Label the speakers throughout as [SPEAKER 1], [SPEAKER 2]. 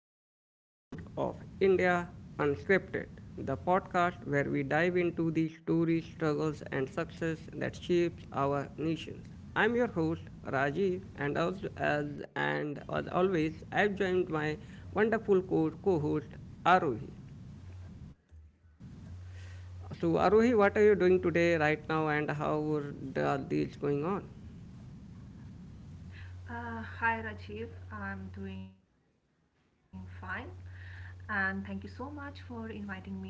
[SPEAKER 1] another episode of India Unscripted, the podcast where we dive into the stories, struggles and success that shapes our nations. I'm your host Rajiv and as always I've joined my wonderful co-host Arohi. So Arohi, what are you doing today right now and how are the days going on?
[SPEAKER 2] Hi Rajiv, I'm doing fine and thank you so much for inviting me to the podcast.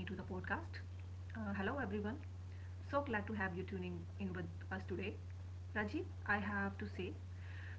[SPEAKER 2] Hello everyone, so glad to have you tuning in with us today. Rajiv, I have to say,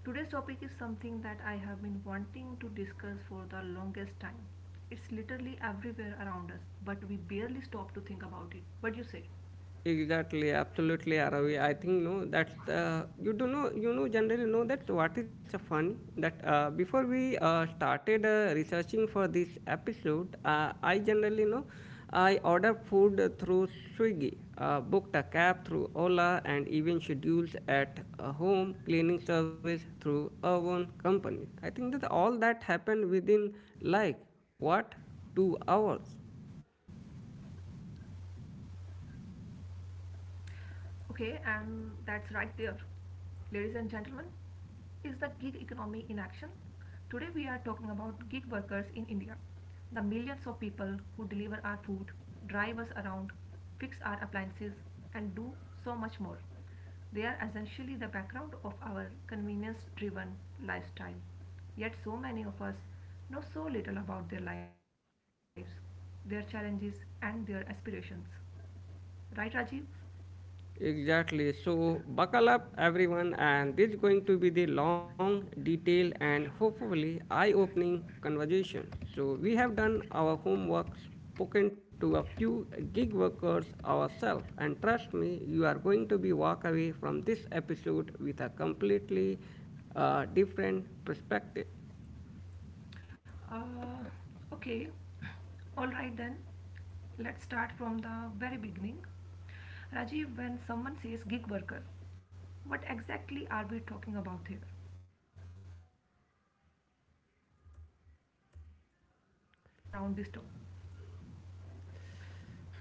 [SPEAKER 2] today's topic is something that I have been wanting to discuss for the longest time. It's literally everywhere around us, but we barely stop to think about it. What do you say?
[SPEAKER 1] Exactly, absolutely, Aravi. I think no that you do know you know generally know that What is so funny that before we started researching for this episode, I generally know I order food through Swiggy, booked a cab through Ola, and even schedules at a home cleaning service through a one company. I think that all that happened within like what 2 hours.
[SPEAKER 2] Okay, and that's right there. Ladies and gentlemen, is the gig economy in action? Today we are talking about gig workers in India, the millions of people who deliver our food, drive us around, fix our appliances, and do so much more. They are essentially the background of our convenience driven lifestyle. Yet, so many of us know so little about their lives, their challenges, and their aspirations. Right, Rajiv?
[SPEAKER 1] Exactly. So buckle up, everyone, and this is going to be the long, detailed, and hopefully eye-opening conversation. So we have done our homework, spoken to a few gig workers ourselves, and trust me, you are going to be walk away from this episode with a completely different perspective.
[SPEAKER 2] Uh, okay, all right then. Let's start from the very beginning. Rajiv, when someone says gig worker, what exactly are we talking about here? Because I feel like there is still a lot of confusion around this term.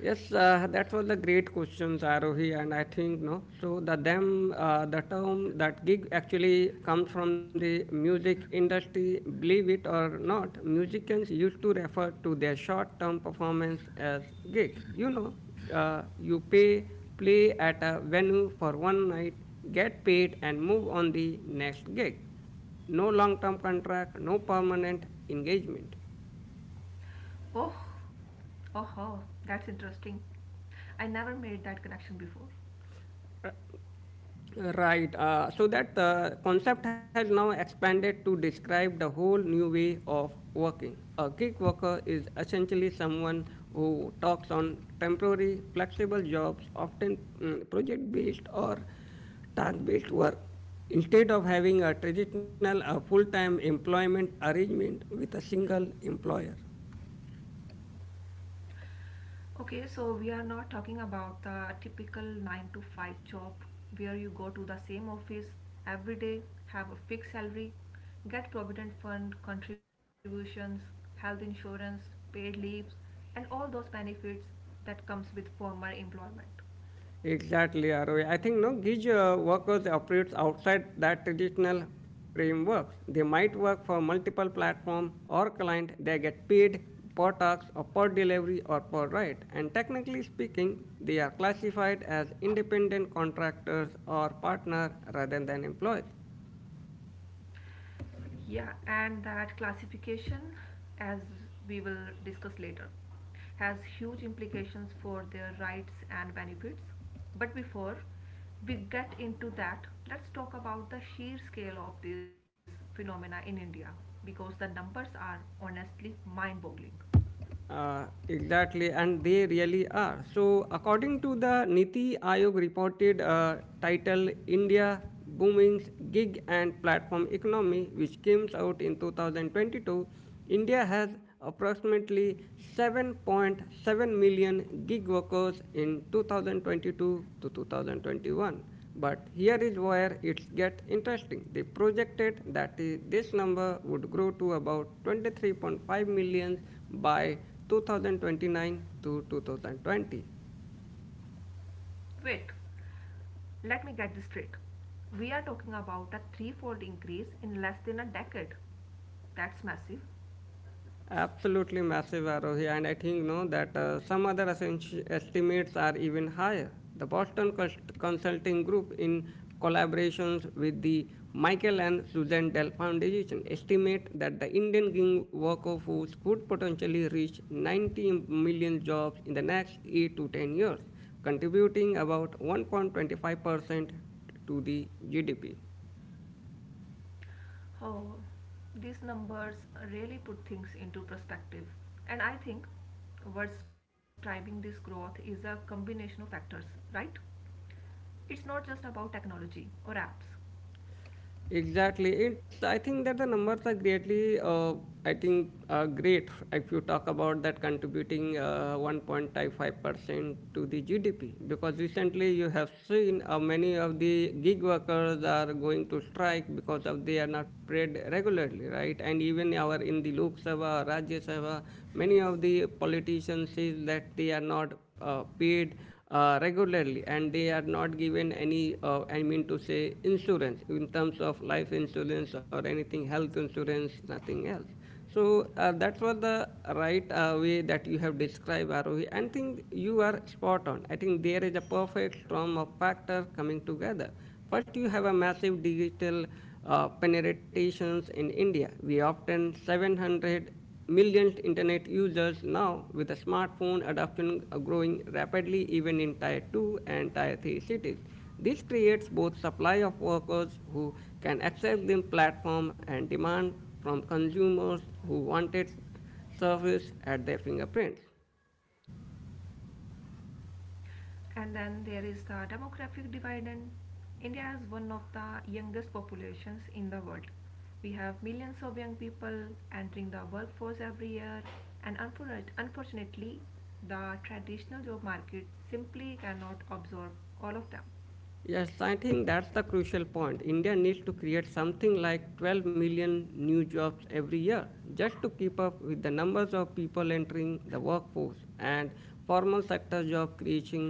[SPEAKER 1] Yes, that was a great question, Arohi, and I think no. So the them the term that gig actually comes from the music industry. Believe it or not, musicians used to refer to their short-term performance as gig. You know, you pay, play at a venue for one night, get paid, and move on the next gig. No long-term contract, no permanent engagement.
[SPEAKER 2] Oh, oh, that's interesting. I never made that connection before.
[SPEAKER 1] Right. So that the concept has now expanded to describe the whole new way of working. A gig worker is essentially someone who talks on temporary, flexible jobs, often project based or task based work, instead of having a traditional full time employment arrangement with a single employer.
[SPEAKER 2] Okay, so we are not talking about the typical 9 to 5 job where you go to the same office every day, have a fixed salary, get provident fund contributions, health insurance, paid leaves, and all those benefits that comes with formal employment.
[SPEAKER 1] Exactly, Aroy. I think no Gig workers operates outside that traditional framework. They might work for multiple platform or client. They get paid per task or per delivery or per ride. And technically speaking, they are classified as independent contractors or partner rather than employees.
[SPEAKER 2] Yeah, and that classification, as we will discuss later, has huge implications for their rights and benefits. But before we get into that, let's talk about the sheer scale of this phenomena in India because the numbers are honestly mind boggling.
[SPEAKER 1] Exactly, and they really are. So, according to the Niti Aayog reported title India Booming's Gig and Platform Economy, which came out in 2022, India has approximately 7.7 million gig workers in 2022 to 2021, but here is where it gets interesting. They projected that this number would grow to about 23.5 million by 2029 to 2020.
[SPEAKER 2] Wait, let me get this straight. We are talking about a threefold increase in less than a decade. That's massive.
[SPEAKER 1] Absolutely massive, Arohi, and I think no that some other estimates are even higher. The Boston Consulting Group, in collaborations with the Michael and Susan Dell Foundation, estimate that the Indian gig worker force could potentially reach 90 million jobs in the next 8 to 10 years, contributing about 1.25% to the GDP.
[SPEAKER 2] Oh, these numbers really put things into perspective. And I think what's driving this growth is a combination of factors, right? It's not just about technology or apps.
[SPEAKER 1] Exactly. It's, I think that the numbers are greatly, great if you talk about that contributing 1.55% to the GDP. Because recently you have seen many of the gig workers are going to strike because of they are not paid regularly, right? And even our in the Lok Sabha, Rajya Sabha, many of the politicians says that they are not paid regularly and they are not given any I mean to say insurance in terms of life insurance or anything, health insurance, nothing else. So that was the right way that you have described, Arohi. I think you are spot on. I think there is a perfect storm of factor coming together. First, you have a massive digital penetrations in India. We often 700 millions internet users now with the smartphone adoption growing rapidly even in tier 2 and tier 3 cities. This creates both supply of workers who can access the platform and demand from consumers who wanted service at their fingerprints.
[SPEAKER 2] And then there is the demographic dividend. India has one of the youngest populations in the world. We have millions of young people entering the workforce every year, and unfortunately, the traditional job market simply cannot absorb all of them.
[SPEAKER 1] Yes, I think that's the crucial point. India needs to create something like 12 million new jobs every year just to keep up with the numbers of people entering the workforce, and formal sector job creation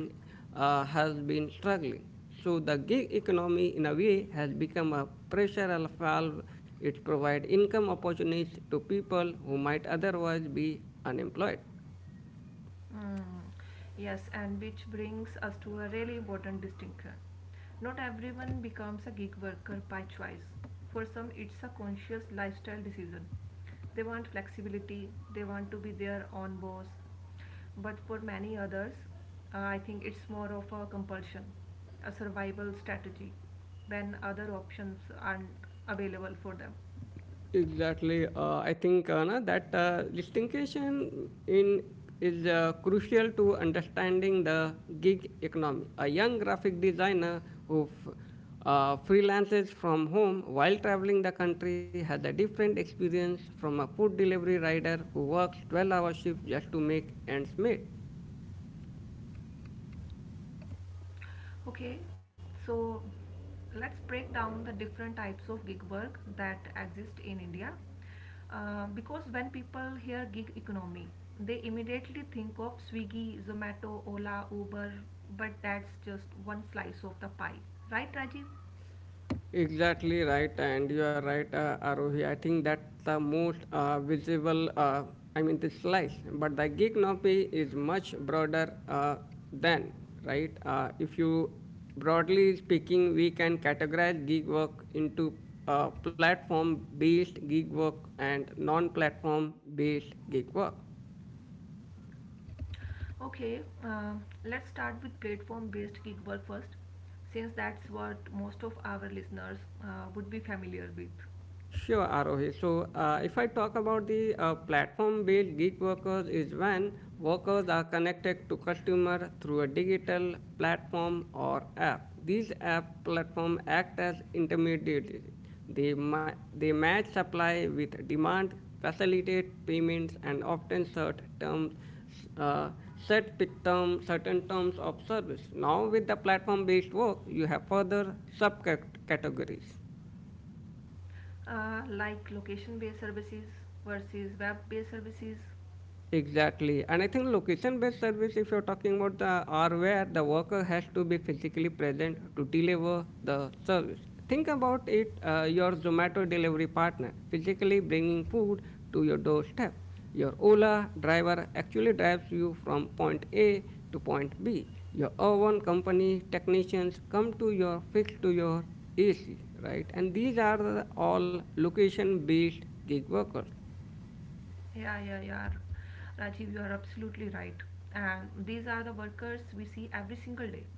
[SPEAKER 1] has been struggling. So the gig economy in a way has become a pressure valve. It provides income opportunities to people who might otherwise be unemployed.
[SPEAKER 2] Mm, yes, and which brings us to a really important distinction. Not everyone becomes a gig worker by choice. For some, it's a conscious lifestyle decision. They want flexibility, they want to be their own boss. But for many others, I think it's more of a compulsion, a survival strategy when other options aren't available for them.
[SPEAKER 1] Exactly. I think na, that Distinction in is crucial to understanding the gig economy. A young graphic designer who freelances from home while traveling the country has a different experience from a food delivery rider who works 12-hour shifts just to make ends meet.
[SPEAKER 2] Okay, so let's break down the different types of gig work that exist in India. Because when people hear gig economy, they immediately think of Swiggy, Zomato, Ola, Uber, but that's just one slice of the pie. Right, Rajiv?
[SPEAKER 1] Exactly right, and you are right, Arohi. I think that's the most visible, I mean, the slice. But the gig economy is much broader than, right? If you, broadly speaking, we can categorize gig work into platform based gig work and non platform based gig work.
[SPEAKER 2] Okay, let's start with platform based gig work first, since that's what most of our listeners would be familiar with.
[SPEAKER 1] Sure, Arohi. So, if I talk about the platform-based gig workers, is when workers are connected to customer through a digital platform or app. These app platform act as intermediaries. They match supply with demand, facilitate payments, and often set terms uh, certain terms of service. Now, with the platform-based work, you have further subcategories.
[SPEAKER 2] Like location based services versus web based services.
[SPEAKER 1] Exactly. And I think location based service, if you're talking about the or where the worker has to be physically present to deliver the service. Think about it. Your Zomato delivery partner physically bringing food to your doorstep. Your Ola driver actually drives you from point A to point B. Your oven company technicians come to your fix to your AC, right? And these are the all location based gig workers.
[SPEAKER 2] Yeah, yeah, yeah. Rajiv, you are absolutely right. And these are the workers we see every single day.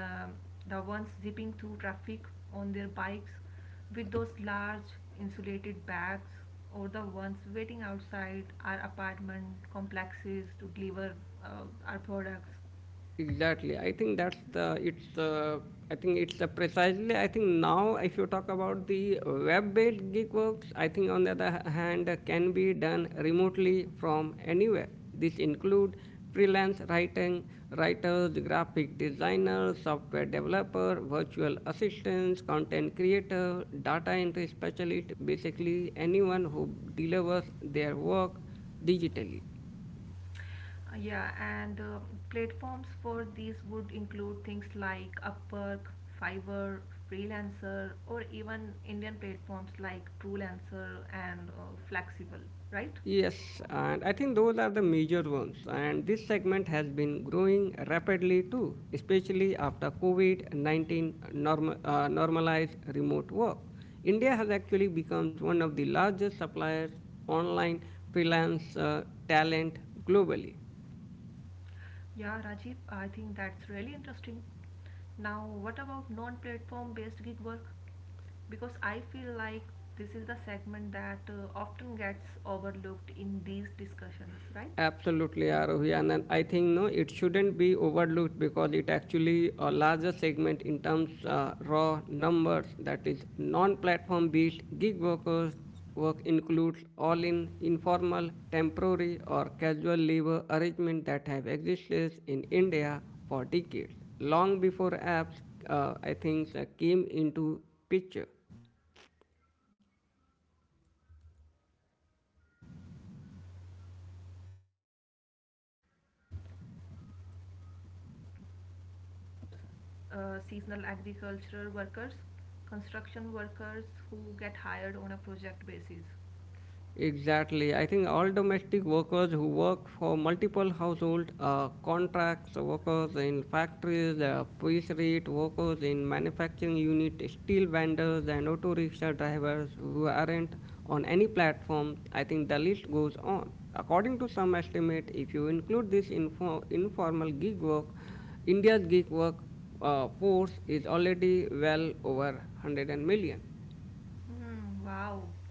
[SPEAKER 2] Um, the ones zipping through traffic on their bikes with those large insulated bags, or the ones waiting outside our apartment complexes to deliver our products.
[SPEAKER 1] Exactly. I think that's the it's the I think it's the Precisely. I think now if you talk about the web-based gig works, I think on the other hand can be done remotely from anywhere. This include freelance writing, writers, graphic designers, software developer, virtual assistants, content creator, data entry specialist, basically anyone who delivers their work digitally.
[SPEAKER 2] Yeah, and platforms for these would include things like Upwork, Fiverr, Freelancer, or even Indian platforms like Truelancer and Flexible, right?
[SPEAKER 1] Yes, and I think those are the major ones. And this segment has been growing rapidly too, especially after COVID 19 normalized remote work. India has actually become one of the largest suppliers online freelance talent globally.
[SPEAKER 2] Yeah, Rajiv, I think that's really interesting. Now, what about non platform based gig work? Because I feel like this is the segment that often gets overlooked in these discussions, right?
[SPEAKER 1] Absolutely, Arohi. And then I think no, it shouldn't be overlooked because it actually a larger segment in terms raw numbers that is non-platform based gig workers work includes all in informal, temporary or casual labor arrangements that have existed in India for decades, long before apps I think came into picture.
[SPEAKER 2] Okay, so we are talking about daily wage laborers, seasonal agricultural workers, construction workers who get hired on a project basis.
[SPEAKER 1] Exactly. I think all domestic workers who work for multiple household contracts, workers in factories, police rate workers in manufacturing unit, steel vendors, and auto rickshaw drivers who aren't on any platform. I think the list goes on. According to some estimate, if you include this informal gig work, India's gig work force is already well over 100 million.
[SPEAKER 2] Hmm, wow.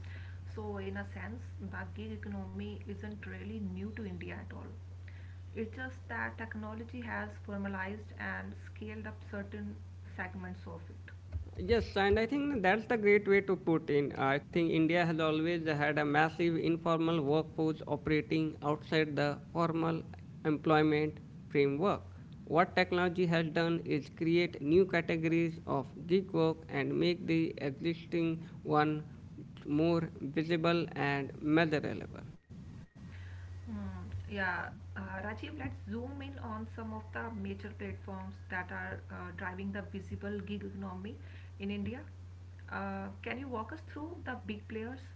[SPEAKER 2] So, in a sense, the gig economy isn't really new to India at all. It's just that technology has formalized and scaled up certain segments of it.
[SPEAKER 1] Yes, and I think that's the great way to put in. I think India has always had a massive informal workforce operating outside the formal employment framework. What technology has done is create new categories of gig work and make the existing one more visible and measurable.
[SPEAKER 2] Hmm, yeah, Rajiv, let's zoom in on some of the major platforms that are driving the visible gig economy in India. Can you walk us through the big players?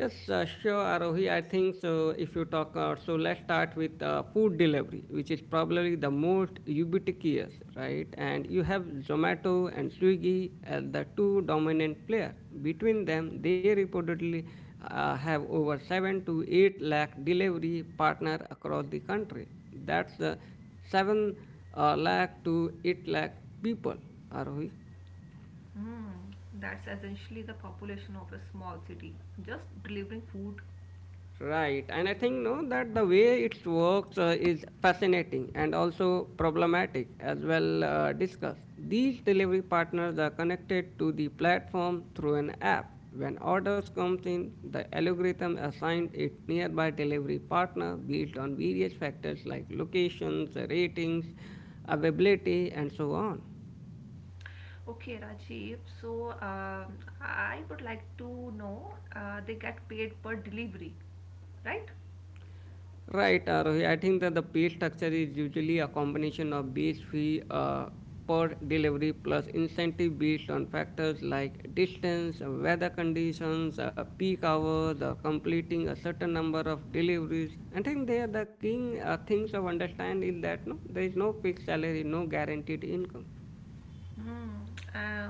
[SPEAKER 1] Yes, sure, Arohi. I think so. If you talk, So let's start with food delivery, which is probably the most ubiquitous, right? And you have Zomato and Swiggy as the two dominant players. Between them, they reportedly have over seven to eight lakh delivery partners across the country. That's seven lakh to eight lakh people, Arohi.
[SPEAKER 2] Hmm, that's essentially the population of a small city, just delivering food.
[SPEAKER 1] Right, and I think no that the way it works is fascinating and also problematic as well discussed. These delivery partners are connected to the platform through an app. When orders comes in, the algorithm assigns it nearby delivery partner based on various factors like locations, ratings, availability, and so on.
[SPEAKER 2] Okay, Rajiv, so I would like to know they get paid per delivery, right?
[SPEAKER 1] Right, Arohi. I think that the pay structure is usually a combination of base fee per delivery plus incentive based on factors like distance, weather conditions, peak hours, or completing a certain number of deliveries. I think there the king things of understand is that no, there is no fixed salary, no guaranteed income.
[SPEAKER 2] Hmm. Uh,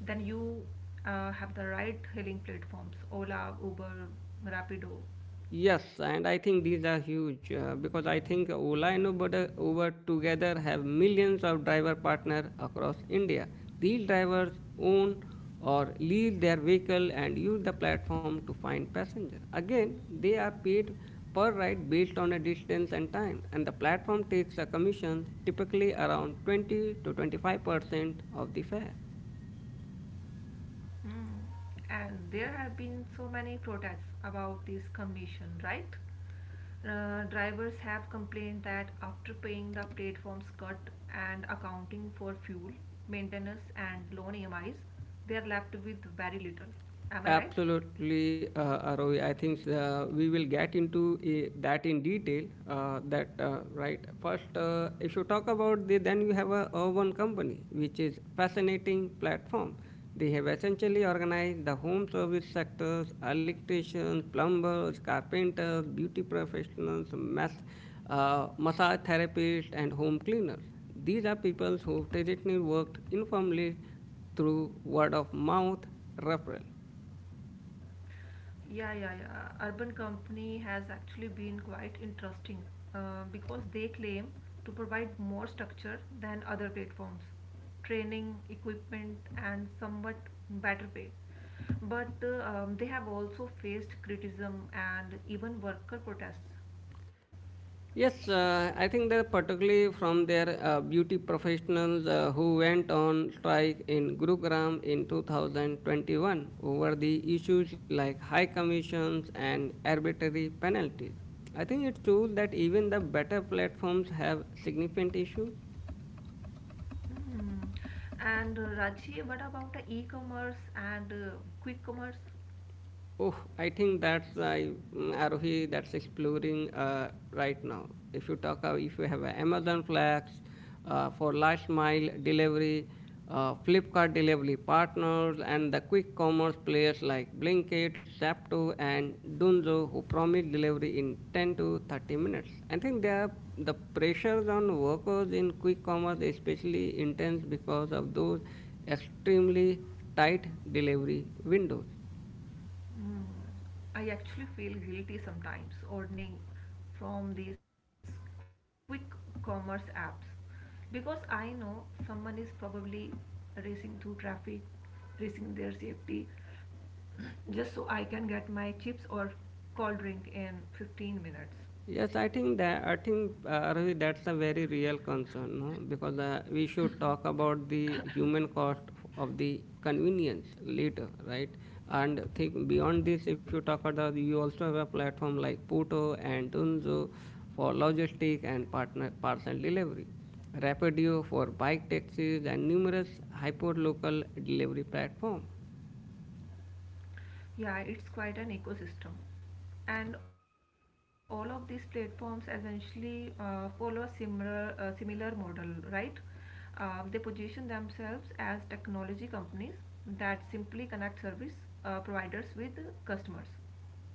[SPEAKER 2] then you have the right hailing platforms Ola, Uber,
[SPEAKER 1] Yes,
[SPEAKER 2] Rapido.
[SPEAKER 1] and I think these are huge because I think Ola and Uber together have millions of driver partner across India. These drivers own or lease their vehicle and use the platform to find passenger. Again, they are paid per ride based on a distance and time, and the platform takes a commission typically around 20 to 25% of the fare.
[SPEAKER 2] Hmm. And there have been so many protests about this commission, right? Drivers have complained that after paying the platform's cut and accounting for fuel, maintenance, and loan EMIs, they are left with very little. Am I right?
[SPEAKER 1] Absolutely, Aroy. I think we will get into that in detail. That Right. First, if you talk about the, then you have a urban company, which is fascinating platform. They have essentially organized the home service sectors, electricians, plumbers, carpenters, beauty professionals, massage therapists, and home cleaners. These are people who traditionally worked informally through word of mouth referral.
[SPEAKER 2] Yeah, yeah, yeah. Urban Company has actually been quite interesting because they claim to provide more structure than other platforms, training, equipment, and somewhat better pay. But they have also faced criticism and even worker protests.
[SPEAKER 1] Yes, I think that particularly from their beauty professionals who went on strike in Gurugram in 2021 over the issues like high commissions and arbitrary penalties. I think it's true that even the better platforms have significant issues.
[SPEAKER 2] Hmm. And Raji, what about the e-commerce and quick commerce?
[SPEAKER 1] Oh, I think that's I mm, Arohi that's exploring right now. If you have a Amazon Flex for last mile delivery, Flipkart delivery partners, and the quick commerce players like Blinkit, Zapto, and Dunzo who promise delivery in 10 to 30 minutes. I think they are, The pressures on workers in quick commerce is especially intense because of those extremely tight delivery windows.
[SPEAKER 2] Mm, I actually feel guilty sometimes ordering from these quick commerce apps because I know someone is probably racing through traffic, risking their safety, just so I can get my chips or cold drink in 15 minutes.
[SPEAKER 1] Yes, I think that I think Ravi, that's a very real concern, no? Because we should talk about the human cost of the convenience later, right? And think beyond this, if you talk about you also have a platform like Puto and Dunzo for logistic and partner parcel delivery, Rapidio for bike taxis, and numerous hyperlocal delivery platform.
[SPEAKER 2] Yeah, it's quite an ecosystem. And all of these platforms essentially follow a similar model, right? They position themselves as technology companies that simply connect service providers with customers.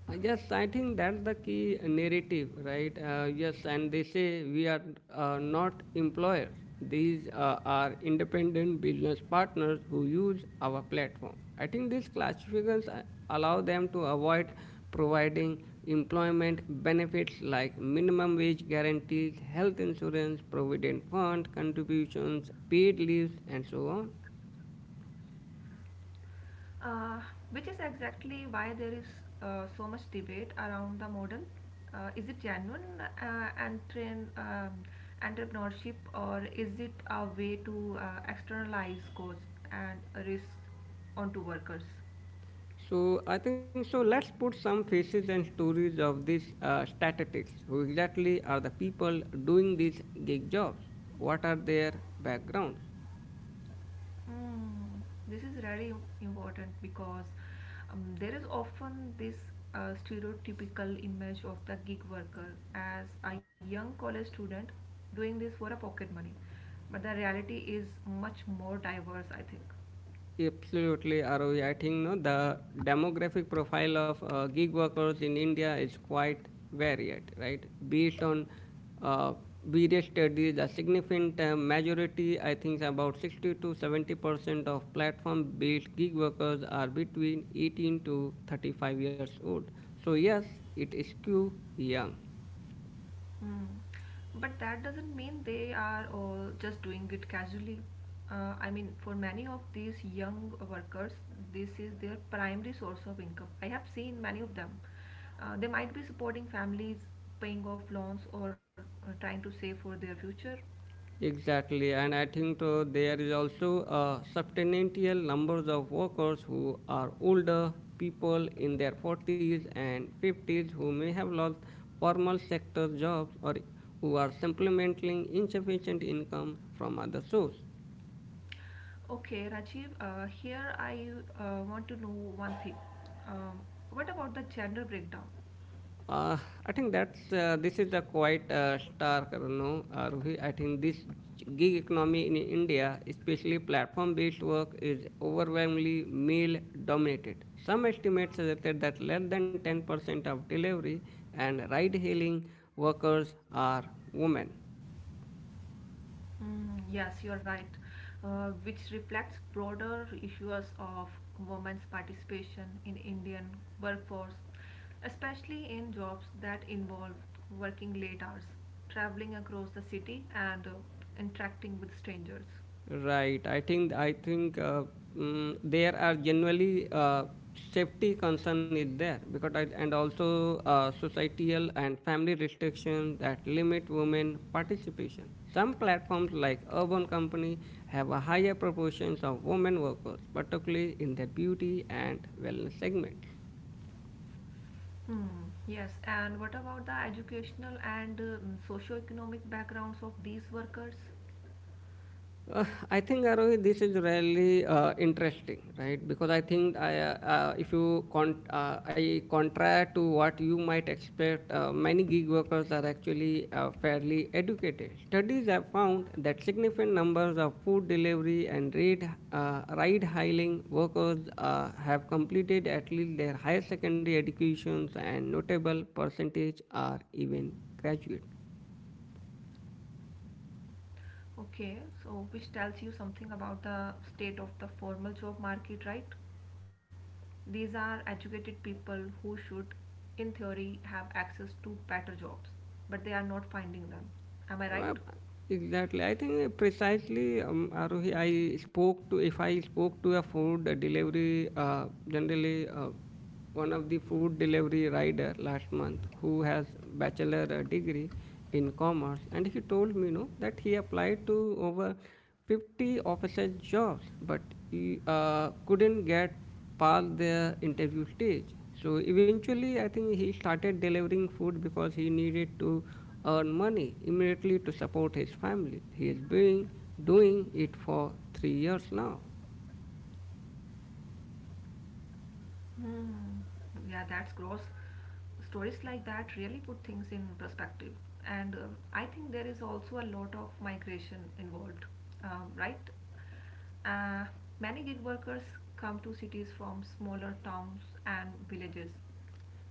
[SPEAKER 1] Yes, I think that's the key narrative, right? Yes, and they say we are not employers. These are independent business partners who use our platform. I think these classifications allow them to avoid providing employment benefits like minimum wage guarantees, health insurance, provident fund contributions, paid leaves, and so on.
[SPEAKER 2] uh, which is exactly why there is so much debate around the model. Is it genuine and train entrepreneurship, or is it a way to externalize costs and risk onto workers?
[SPEAKER 1] So I think so. Let's put some faces and stories of these statistics. Who exactly are the people doing these gig jobs? What are their backgrounds?
[SPEAKER 2] Mm, this is very important because there is often this stereotypical image of the gig worker as a young college student doing this for a pocket money. But the reality is much more diverse, I think.
[SPEAKER 1] Absolutely, Aruj. I think no, the demographic profile of gig workers in India is quite varied, right? Based on uh, various studies, a significant majority, I think about 60 to 70% of platform based gig workers are between 18 to 35 years old. So, yes, it is skew young.
[SPEAKER 2] Mm. But that doesn't mean they are all just doing it casually. I mean, for many of these young workers, this is their primary source of income. I have seen many of them. They might be supporting families, paying off loans, or trying to save for their future.
[SPEAKER 1] Exactly, and I think there is also a substantial numbers of workers who are older people in their 40s and 50s who may have lost formal sector jobs or who are supplementing insufficient income from other sources.
[SPEAKER 2] Okay, Rajiv, here I want to know one thing. Um, what about the gender breakdown?
[SPEAKER 1] Uh, I think that's this is a quite stark, no, Ruhi. I think this gig economy in India, especially platform-based work, is overwhelmingly male-dominated. Some estimates suggested that less than 10% of delivery and ride-hailing workers are women.
[SPEAKER 2] Mm, yes, you're right, which reflects broader issues of women's participation in Indian workforce, especially in jobs that involve working late hours, traveling across the city, and interacting with strangers.
[SPEAKER 1] Right. I think there are generally safety concern is there because and also societal and family restrictions that limit women participation. Some platforms like Urban Company have a higher proportion of women workers, particularly in their beauty and wellness segment.
[SPEAKER 2] Hmm, yes, and what about the educational and socio-economic backgrounds of these workers?
[SPEAKER 1] I think Arohi, this is really interesting, right? Because I think I, if you con- I contrary to what you might expect, many gig workers are actually fairly educated. Studies have found that significant numbers of food delivery and ride hailing workers have completed at least their higher secondary educations, and notable percentage are even graduates.
[SPEAKER 2] Okay, so which tells you something about the state of the formal job market, right? These are educated people who should, in theory, have access to better jobs, but they are not finding them. Am I right?
[SPEAKER 1] Uh, Exactly. I think precisely, Arohi, if I spoke to a food delivery, generally one of the food delivery rider last month who has bachelor degree in commerce, and he told me, no, that he applied to over 50 offices jobs, but he couldn't get past their interview stage. So eventually, I think he started delivering food because he needed to earn money immediately to support his family. He is doing it for 3 years now.
[SPEAKER 2] Hmm. Yeah, that's gross. Stories like that really put things in perspective. And I think there is also a lot of migration involved, right? Uh, Many gig workers come to cities from smaller towns and villages.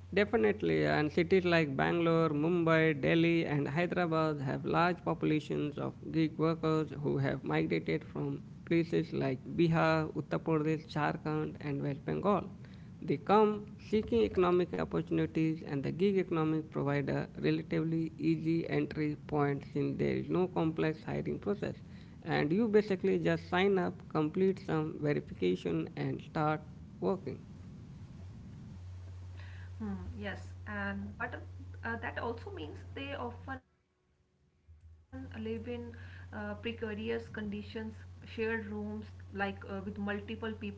[SPEAKER 1] Definitely, and cities like Bangalore, Mumbai, Delhi, and Hyderabad have large populations of Greek workers who have migrated from places like Bihar, Uttar Pradesh, Jharkhand, and West Bengal. They come seeking economic opportunities, and the gig economy provides a relatively easy entry point since there is no complex hiring process. And you basically just sign up, complete some verification, and start working.
[SPEAKER 2] Hmm, yes, and but that also means they often live in precarious conditions, shared rooms, like with multiple people,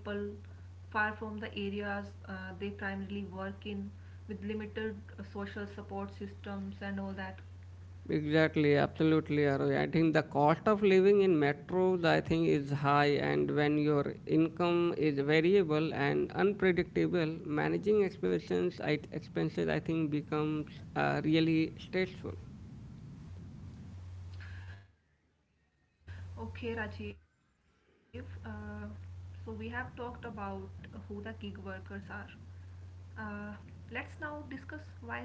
[SPEAKER 2] far from the areas they primarily work in, with limited social support systems and all that.
[SPEAKER 1] Exactly, absolutely, Aroy. I think the cost of living in metros, I think, is high, and when your income is variable and unpredictable, expenses, I think, becomes really stressful.
[SPEAKER 2] Okay, Rajiv, so we have talked about who the gig workers are. Uh, let's now discuss why they choose this form of work.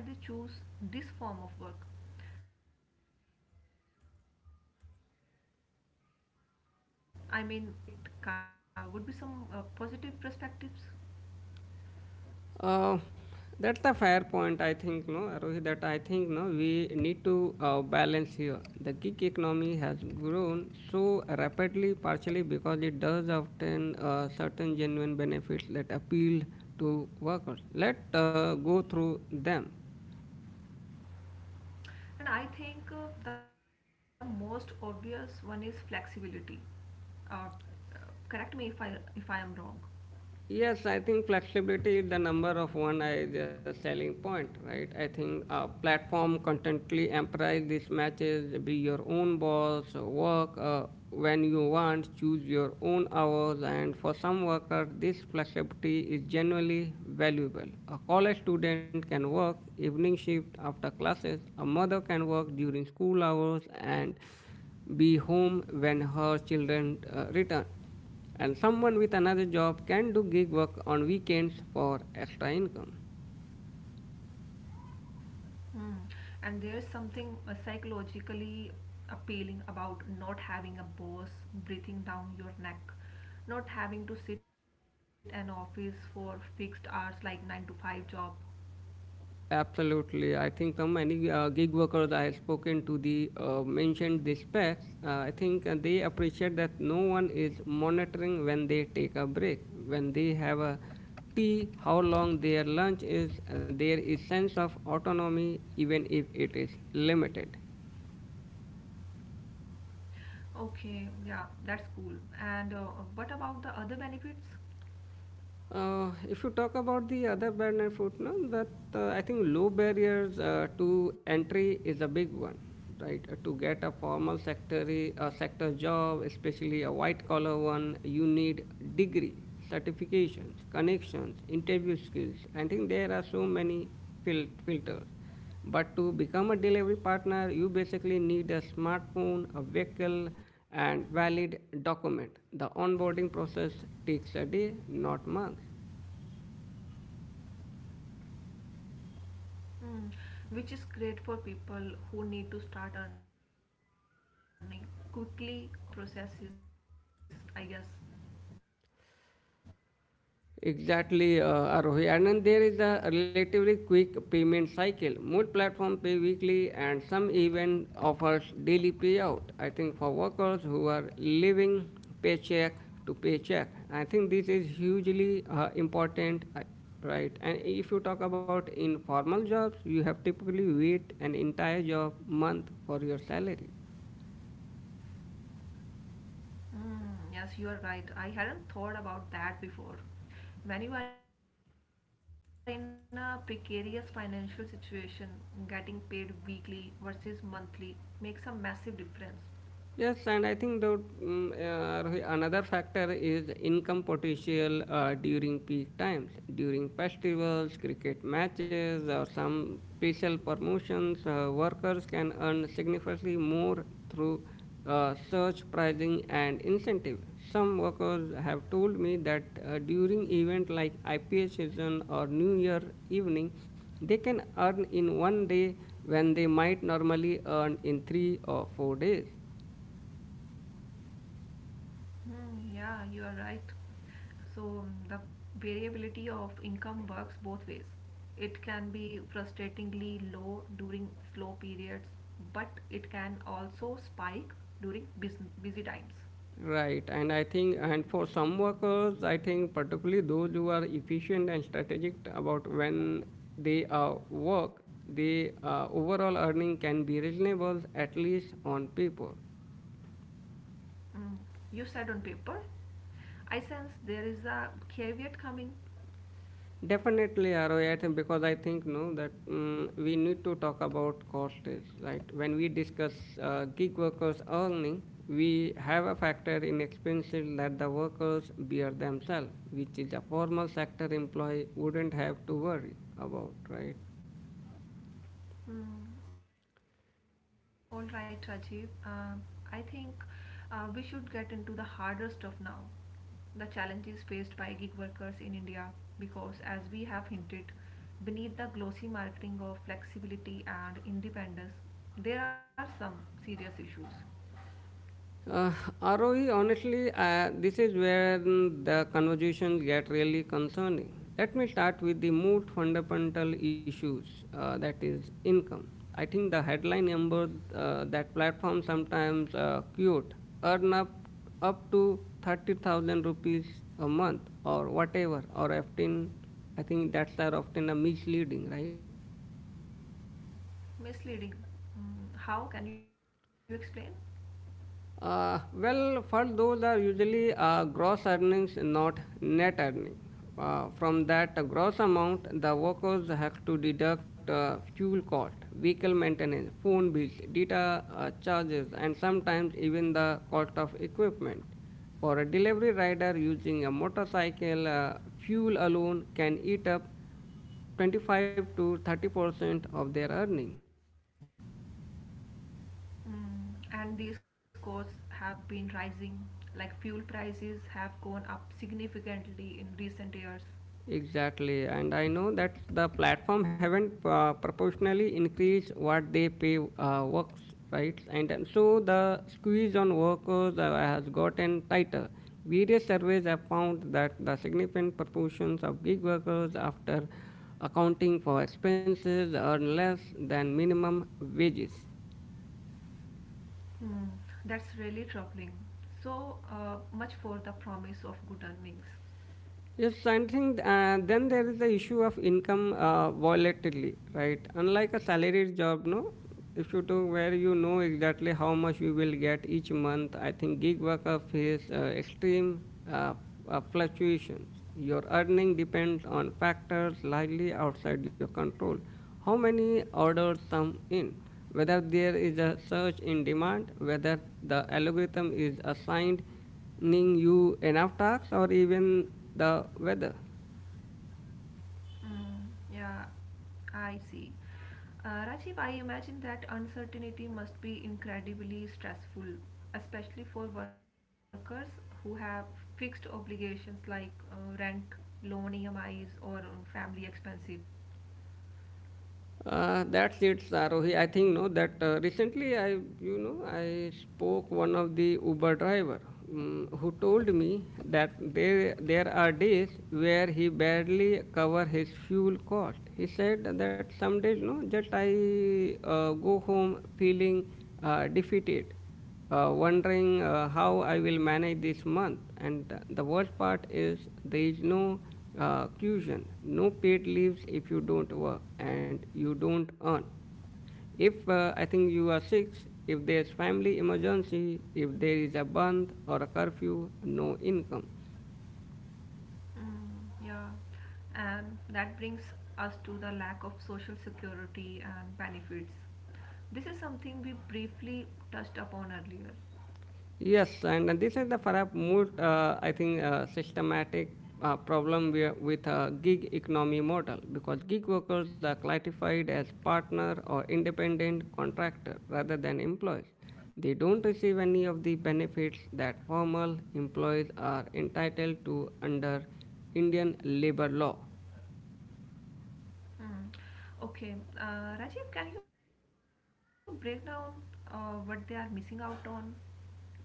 [SPEAKER 2] I mean, there must be some genuine attractions, right? It can't be all negative. There would be some positive perspectives.
[SPEAKER 1] Uh, that's the fair point, I think, no, Rohit, that I think, no, we need to balance here. The gig economy has grown so rapidly, partially because it does often certain genuine benefits that appeal to workers. Let go through them.
[SPEAKER 2] And I think the most obvious one is flexibility. Uh, uh, Correct me if I am wrong.
[SPEAKER 1] Yes, I think flexibility is the number of one is a selling point, right? I think platform constantly emphasize these matches, be your own boss, work when you want, choose your own hours, and for some workers, this flexibility is genuinely valuable. A college student can work evening shift after classes, a mother can work during school hours, and be home when her children return and someone with another job can do gig work on weekends for extra income.
[SPEAKER 2] Mm. And there's something psychologically appealing about not having a boss breathing down your neck, not having to sit an office for fixed hours like 9 to 5 job.
[SPEAKER 1] Absolutely. I think so many gig workers I have spoken to the mentioned this fact. I think they appreciate that no one is monitoring when they take a break, when they have a tea, how long their lunch is. There is sense of autonomy even if it is limited.
[SPEAKER 2] Okay, yeah, that's cool. And what about the other benefits?
[SPEAKER 1] If you talk about the other barrier food, no, that I think low barriers to entry is a big one, right? To get a formal sector job, especially a white collar one, you need degree, certifications, connections, interview skills. I think there are so many filters but to become a delivery partner, you basically need a smartphone, a vehicle, and valid document. The onboarding process takes a day, not months.
[SPEAKER 2] Mm, which is great for people who need to start earning quickly or who might face discrimination in formal hiring processes, I guess.
[SPEAKER 1] Exactly, Arohi. And then there is a relatively quick payment cycle. Most platforms pay weekly, and some even offers daily payout. I think for workers who are living paycheck to paycheck, I think this is hugely important, right? And if you talk about informal jobs, you have typically wait an entire job month for your salary.
[SPEAKER 2] Mm, yes, you are right. I hadn't thought about that before. When you are in a precarious financial situation, getting paid weekly versus monthly makes a massive difference.
[SPEAKER 1] Yes, and I think Rohit, another factor is income potential during peak times, during festivals, cricket matches, or some special promotions. Workers can earn significantly more through surge pricing and incentive. Some workers have told me that during event like IPA season or New Year evening, they can earn in one day when they might normally earn in three or four days.
[SPEAKER 2] Mm, yeah, you are right. So the variability of income works both ways. It can be frustratingly low during slow periods, but it can also spike during busy times.
[SPEAKER 1] Right, and I think, and for some workers, I think particularly those who are efficient and strategic about when they work, the overall earning can be reasonable at least on paper.
[SPEAKER 2] Mm, you said on paper. I sense there is a caveat coming.
[SPEAKER 1] Definitely, Aroy, I think because I think no that mm we need to talk about costs, right. When we discuss gig workers earning, we have a factor in expenses that the workers bear themselves, which is a formal sector employee wouldn't have to worry about, right?
[SPEAKER 2] Mm, all right, Rajiv. I think we should get into the harder stuff now. The challenges faced by gig workers in India, because as we have hinted, beneath the glossy marketing of flexibility and independence, there are some serious issues.
[SPEAKER 1] Uh, ROE, honestly, this is where the conversation get really concerning. Let me start with the most fundamental issues, that is income. I think the headline number that platform sometimes quote earn up to 30,000 rupees a month or whatever or 15. I think that's are often a misleading, right?
[SPEAKER 2] Misleading. Mm, how can you explain?
[SPEAKER 1] Well, for those are usually gross earnings, not net earning. From that gross amount, the workers have to deduct fuel cost, vehicle maintenance, phone bills, data charges, and sometimes even the cost of equipment. For a delivery rider using a motorcycle, fuel alone can eat up 25 to 30% of their earning.
[SPEAKER 2] Mm, and these costs have been rising, like fuel prices have gone up significantly in recent years.
[SPEAKER 1] Exactly, and I know that the platform haven't proportionally increased what they pay works, right? And so the squeeze on workers has gotten tighter. Various surveys have found that the significant proportions of gig workers, after accounting for expenses, earn less than minimum wages.
[SPEAKER 2] Mm, that's really troubling. So much for the promise of good earnings.
[SPEAKER 1] Yes, I think then there is the issue of income volatility, right? Unlike a salaried job, no, if you do where you know exactly how much you will get each month, I think gig worker face extreme uh, fluctuations. Your earning depends on factors largely outside your control. How many orders come in, whether there is a surge in demand, whether the algorithm is assigned ning you enough tasks or even the weather.
[SPEAKER 2] Mm, yeah, I see. Rajiv, I imagine that uncertainty must be incredibly stressful, especially for workers who have fixed obligations like rent, loan EMIs, or family expenses.
[SPEAKER 1] That's it, Sarohi. I think no that Recently I you know I spoke one of the Uber driver who told me that there are days where he barely cover his fuel cost. He said that some days no just I go home feeling defeated wondering how I will manage this month. And the worst part is there is no cushion, no paid leaves if you don't work and you don't earn. If I think you are sick, if there's family emergency, if there is a band or a curfew, no income.
[SPEAKER 2] Mm, yeah, and that brings us to the lack of social security and benefits. This is something we briefly touched upon earlier.
[SPEAKER 1] Yes, and this is the perhaps most, I think, systematic problem with gig economy model because gig workers are classified as partner or independent contractor rather than employees. They don't receive any of the benefits that formal employees are entitled to under Indian labor law.
[SPEAKER 2] Mm. Okay, Rajiv, can you break down what they are missing out on?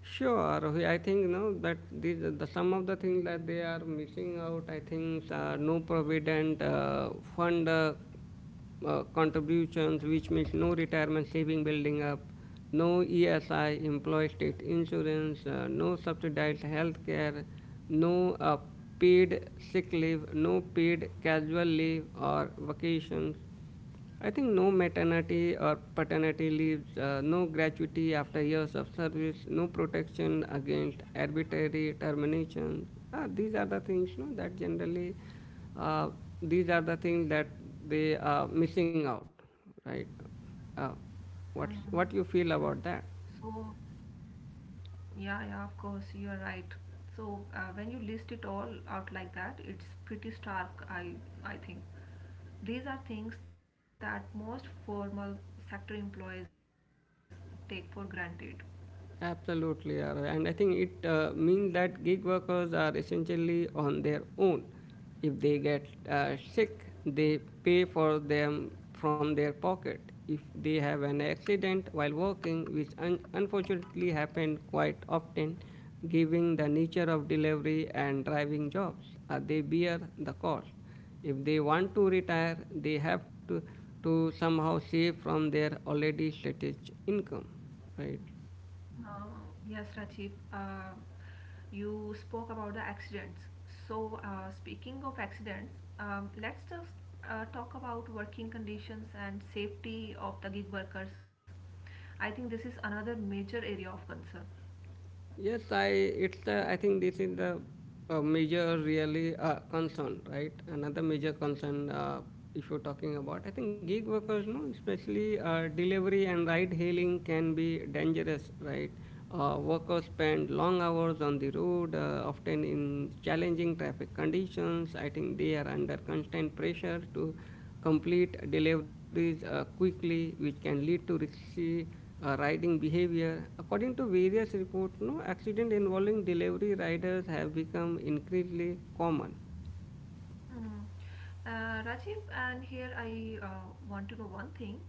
[SPEAKER 1] Sure, Rohit, I think no that these are the some of the things that they are missing out. I think no provident fund contributions, which means no retirement saving building up, no ESI employee state insurance, no subsidized healthcare, no paid sick leave, no paid casual leave or vacations. I think no maternity or paternity leaves, no gratuity after years of service, no protection against arbitrary terminations. These are the things you know, that generally, uh, these are the things that they are missing out, right? Uh, what
[SPEAKER 2] Mm.
[SPEAKER 1] what you feel about that?
[SPEAKER 2] So, yeah, yeah, of course, you are right. So when you list it all out like that, it's pretty stark, I think. These are things that most formal sector employees take for granted.
[SPEAKER 1] Absolutely, Aara. And I think it means that gig workers are essentially on their own. If they get sick, they pay for them from their pocket. If they have an accident while working, which unfortunately happened quite often, given the nature of delivery and driving jobs, they bear the cost. If they want to retire, they have to somehow save from their already stretched income, right?
[SPEAKER 2] Yes, Rajiv, you spoke about the accidents. So, speaking of accidents, let's just talk about working conditions and safety of the gig workers. I think this is another major area of concern.
[SPEAKER 1] Yes, I think this is the major really concern, right? Another major concern, if you're talking about, I think gig workers, no, especially delivery and ride hailing can be dangerous, right? Workers spend long hours on the road, often in challenging traffic conditions. I think they are under constant pressure to complete deliveries quickly, which can lead to risky riding behavior. According to various reports, no accident involving delivery riders have become increasingly common.
[SPEAKER 2] Mm. Rajiv, and here I want to know one thing.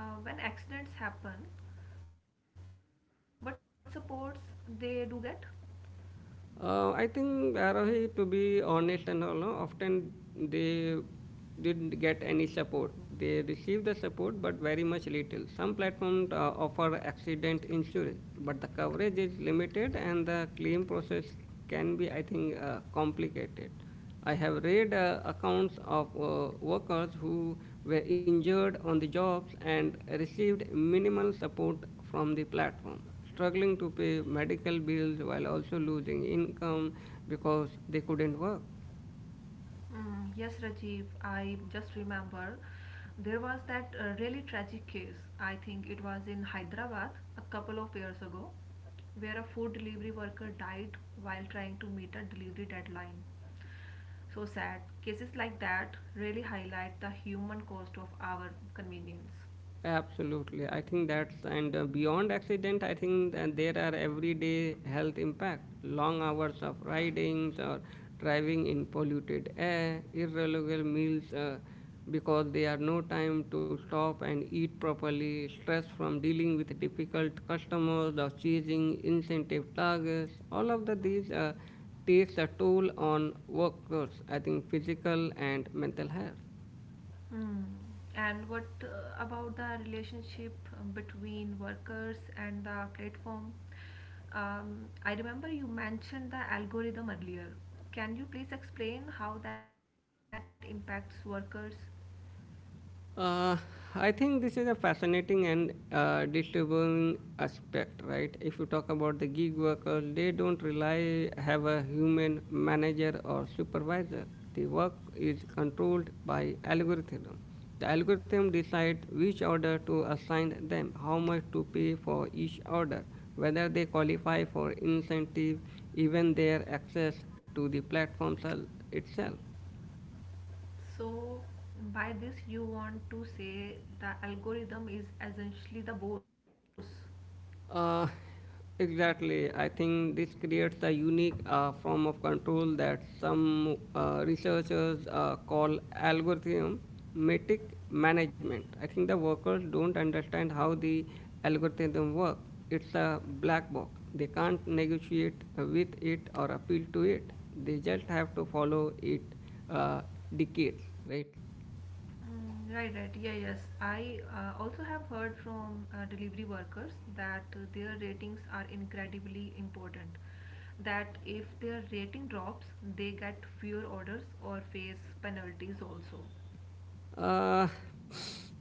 [SPEAKER 2] When accidents happen, what supports they do get?
[SPEAKER 1] I think Arohi, to be honest and all, no, often they didn't get any support. They received the support, but very much little. Some platforms offer accident insurance, but the coverage is limited and the claim process can be, I think, complicated. I have read accounts of workers who were injured on the jobs and received minimal support from the platform, struggling to pay medical bills while also losing income because they couldn't work.
[SPEAKER 2] Mm, yes, Rajiv, I just remember there was that really tragic case. I think it was in Hyderabad a couple of years ago, where a food delivery worker died while trying to meet a delivery deadline. So sad. Cases like that really highlight the human cost of our convenience.
[SPEAKER 1] Absolutely. I think and beyond accident, I think that there are everyday health impact, long hours of ridings or driving in polluted air, irregular meals because they are no time to stop and eat properly, stress from dealing with difficult customers or chasing incentive targets. These takes a toll on workers, I think physical and mental health.
[SPEAKER 2] Hmm. And what about the relationship between workers and the platform? I remember you mentioned the algorithm earlier. Can you please explain how that impacts workers?
[SPEAKER 1] Uh, I think this is a fascinating and disturbing aspect, right? If you talk about the gig workers, they don't rely have a human manager or supervisor. The work is controlled by algorithm. The algorithm decide which order to assign them, how much to pay for each order, whether they qualify for incentive, even their access to the platform itself.
[SPEAKER 2] So, by this, you want to say the algorithm is essentially the boss.
[SPEAKER 1] Uh, exactly. I think this creates the unique form of control that some researchers call algorithm metric management. I think the workers don't understand how the algorithm work. It's a black box. They can't negotiate with it or appeal to it. They just have to follow it uh, decades, right?
[SPEAKER 2] Mm, right, right. Yeah, yes. I also have heard from delivery workers that their ratings are incredibly important. That if their rating drops, they get fewer orders or face penalties also.
[SPEAKER 1] Uh,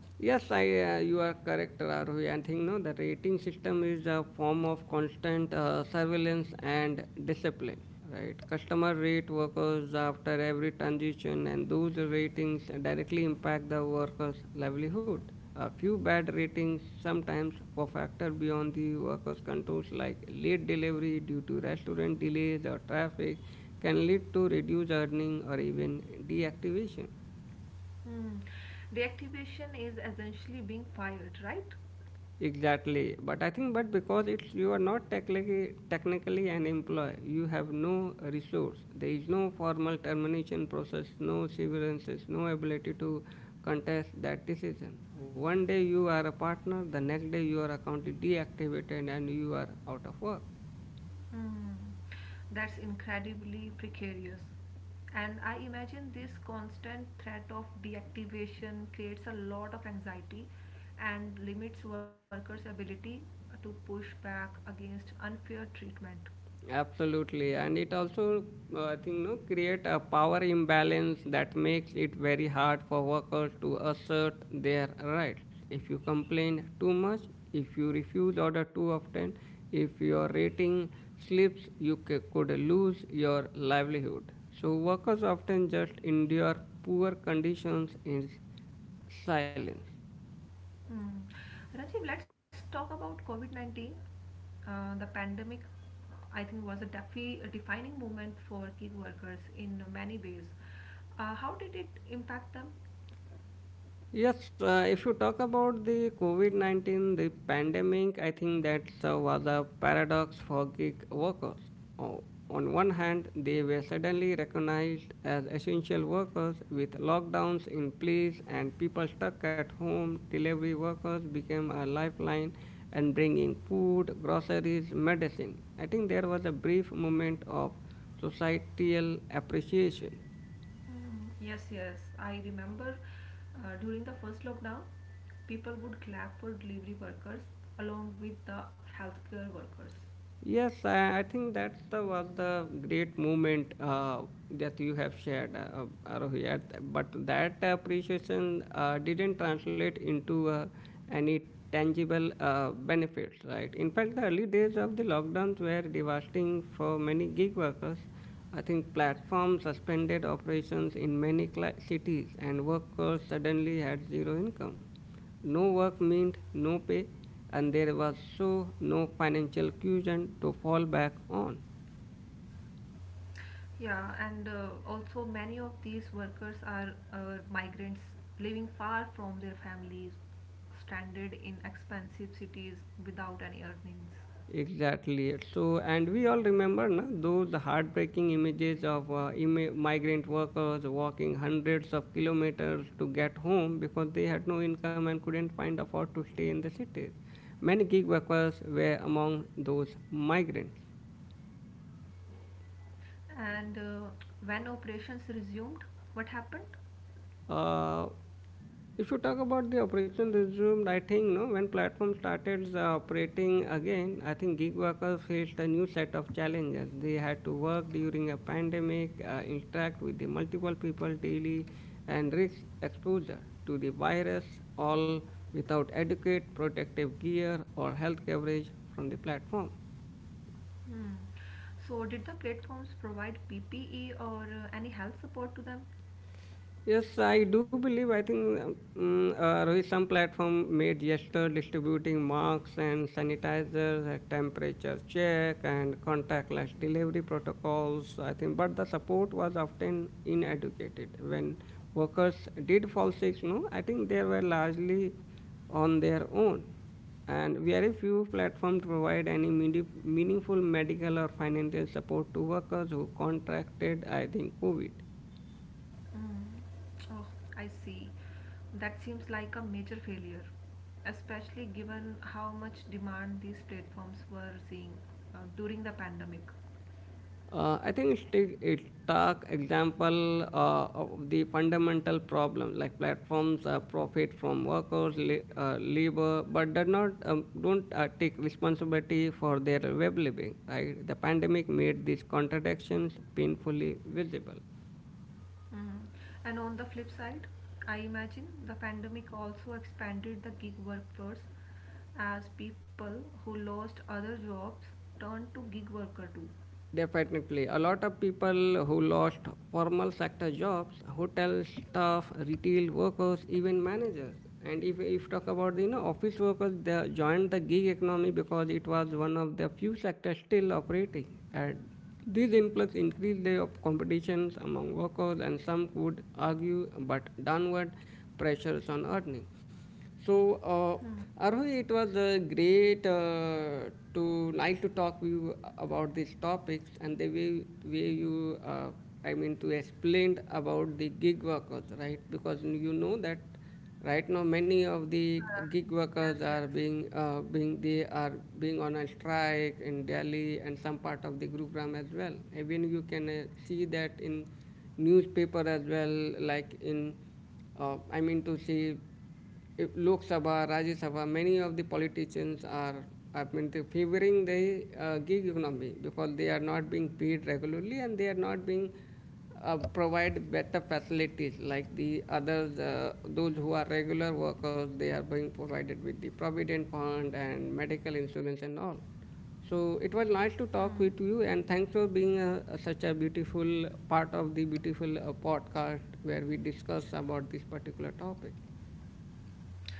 [SPEAKER 1] yes, I you are correct, Rahul. I think no, the rating system is a form of constant surveillance and discipline. Right, customer rate workers after every transition, and those ratings directly impact the workers' livelihood. A few bad ratings sometimes for factor beyond the workers' controls, like late delivery due to restaurant delays or traffic, can lead to reduced earning or even deactivation.
[SPEAKER 2] Hmm. Deactivation is essentially being fired, right?
[SPEAKER 1] Exactly, but I think but because it's you are not technically an employee, you have no resource. There is no formal termination process, no severances, no ability to contest that decision. One day you are a partner, the next day your account is deactivated and you are out of work.
[SPEAKER 2] Mm, that's incredibly precarious. And I imagine this constant threat of deactivation creates a lot of anxiety and limits workers' ability to push back against unfair treatment.
[SPEAKER 1] Absolutely, and it also I think no create a power imbalance that makes it very hard for workers to assert their rights. If you complain too much, if you refuse order too often, if your rating slips, you could lose your livelihood. So workers often just endure poor conditions in silence.
[SPEAKER 2] Mm. Rajiv, let's talk about COVID 19. The pandemic, I think, was a defining moment for gig workers in many ways. How did it impact them?
[SPEAKER 1] Yes, if you talk about the COVID 19, the pandemic, I think that was a paradox for gig workers. O- on one hand, they were suddenly recognized as essential workers with lockdowns in place and people stuck at home. Delivery workers became a lifeline and bringing food, groceries, medicine. I think there was a brief moment of societal appreciation.
[SPEAKER 2] Mm, yes, yes. I remember during the first lockdown, people would clap for delivery workers along with the healthcare workers.
[SPEAKER 1] Yes, I think that's the was the great moment that you have shared, Arohi. But that appreciation didn't translate into any tangible benefits, right? In fact, the early days of the lockdowns were devastating for many gig workers. I think platforms suspended operations in many cli cities, and workers suddenly had zero income. No work meant no pay, and there was so no financial cushion to fall back on.
[SPEAKER 2] Yeah, and also many of these workers are migrants living far from their families, stranded in expensive cities without any earnings.
[SPEAKER 1] Exactly. It. So, and we all remember na, those heartbreaking images of migrant workers walking hundreds of kilometers to get home because they had no income and couldn't find afford to stay in the cities. Many gig workers were among those migrants.
[SPEAKER 2] And when operations resumed, what happened?
[SPEAKER 1] Uh, if you talk about the operation resumed, I think no, when platform started operating again, I think gig workers faced a new set of challenges. They had to work during a pandemic, interact with the multiple people daily, and risk exposure to the virus, all without adequate protective gear or health coverage from the platform.
[SPEAKER 2] Hmm. So, did the platforms provide PPE or any health support to them?
[SPEAKER 1] Yes, I do believe. I think Rohit, some platform made gesture distributing masks and sanitizers, a temperature check, and contactless delivery protocols. I think, but the support was often inadequate. When workers did fall sick, no, I think they were largely on their own, and very few platforms provide any meaningful medical or financial support to workers who contracted, I think, COVID.
[SPEAKER 2] Mm. Oh, I see. That seems like a major failure, especially given how much demand these platforms were seeing during the pandemic.
[SPEAKER 1] I think it's take it talk example of the fundamental problem like platforms profit from workers labor but do not don't take responsibility for their well-being, right? The pandemic made these contradictions painfully visible.
[SPEAKER 2] Mm. And on the flip side, I imagine the pandemic also expanded the gig workforce as people who lost other jobs turned to gig worker too.
[SPEAKER 1] Definitely. A lot of people who lost formal sector jobs, hotel staff, retail workers, even managers. And if talk about the you know office workers, they joined the gig economy because it was one of the few sectors still operating. And these influx increased the competitions among workers and some could argue but downward pressures on earning. So,
[SPEAKER 2] Hmm.
[SPEAKER 1] Arohi, it was great to like to talk with you about these topics and the way you, I mean, to explain about the gig workers, right? Because you know that right now many of the
[SPEAKER 2] Uh,
[SPEAKER 1] gig
[SPEAKER 2] yes,
[SPEAKER 1] workers
[SPEAKER 2] yes.
[SPEAKER 1] are being, they are being on a strike in Delhi and some part of the Gurugram as well. Even you can see that in newspaper as well, like in I mean to say. Lok Sabha, Rajya Sabha, many of the politicians are, I mean, favoring the gig economy because they are not being paid regularly and they are not being provide better facilities like the others, those who are regular workers, they are being provided with the provident fund and medical insurance and all. So it was
[SPEAKER 2] Mm.
[SPEAKER 1] nice to talk with you, and thanks for being such a beautiful part of the beautiful podcast where we discuss about this particular topic.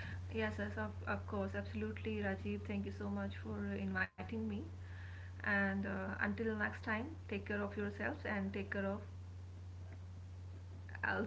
[SPEAKER 2] Yes, yes, of course, absolutely, Rajiv. Thank you so much for inviting me. And until next time, take care of yourselves and take care of else.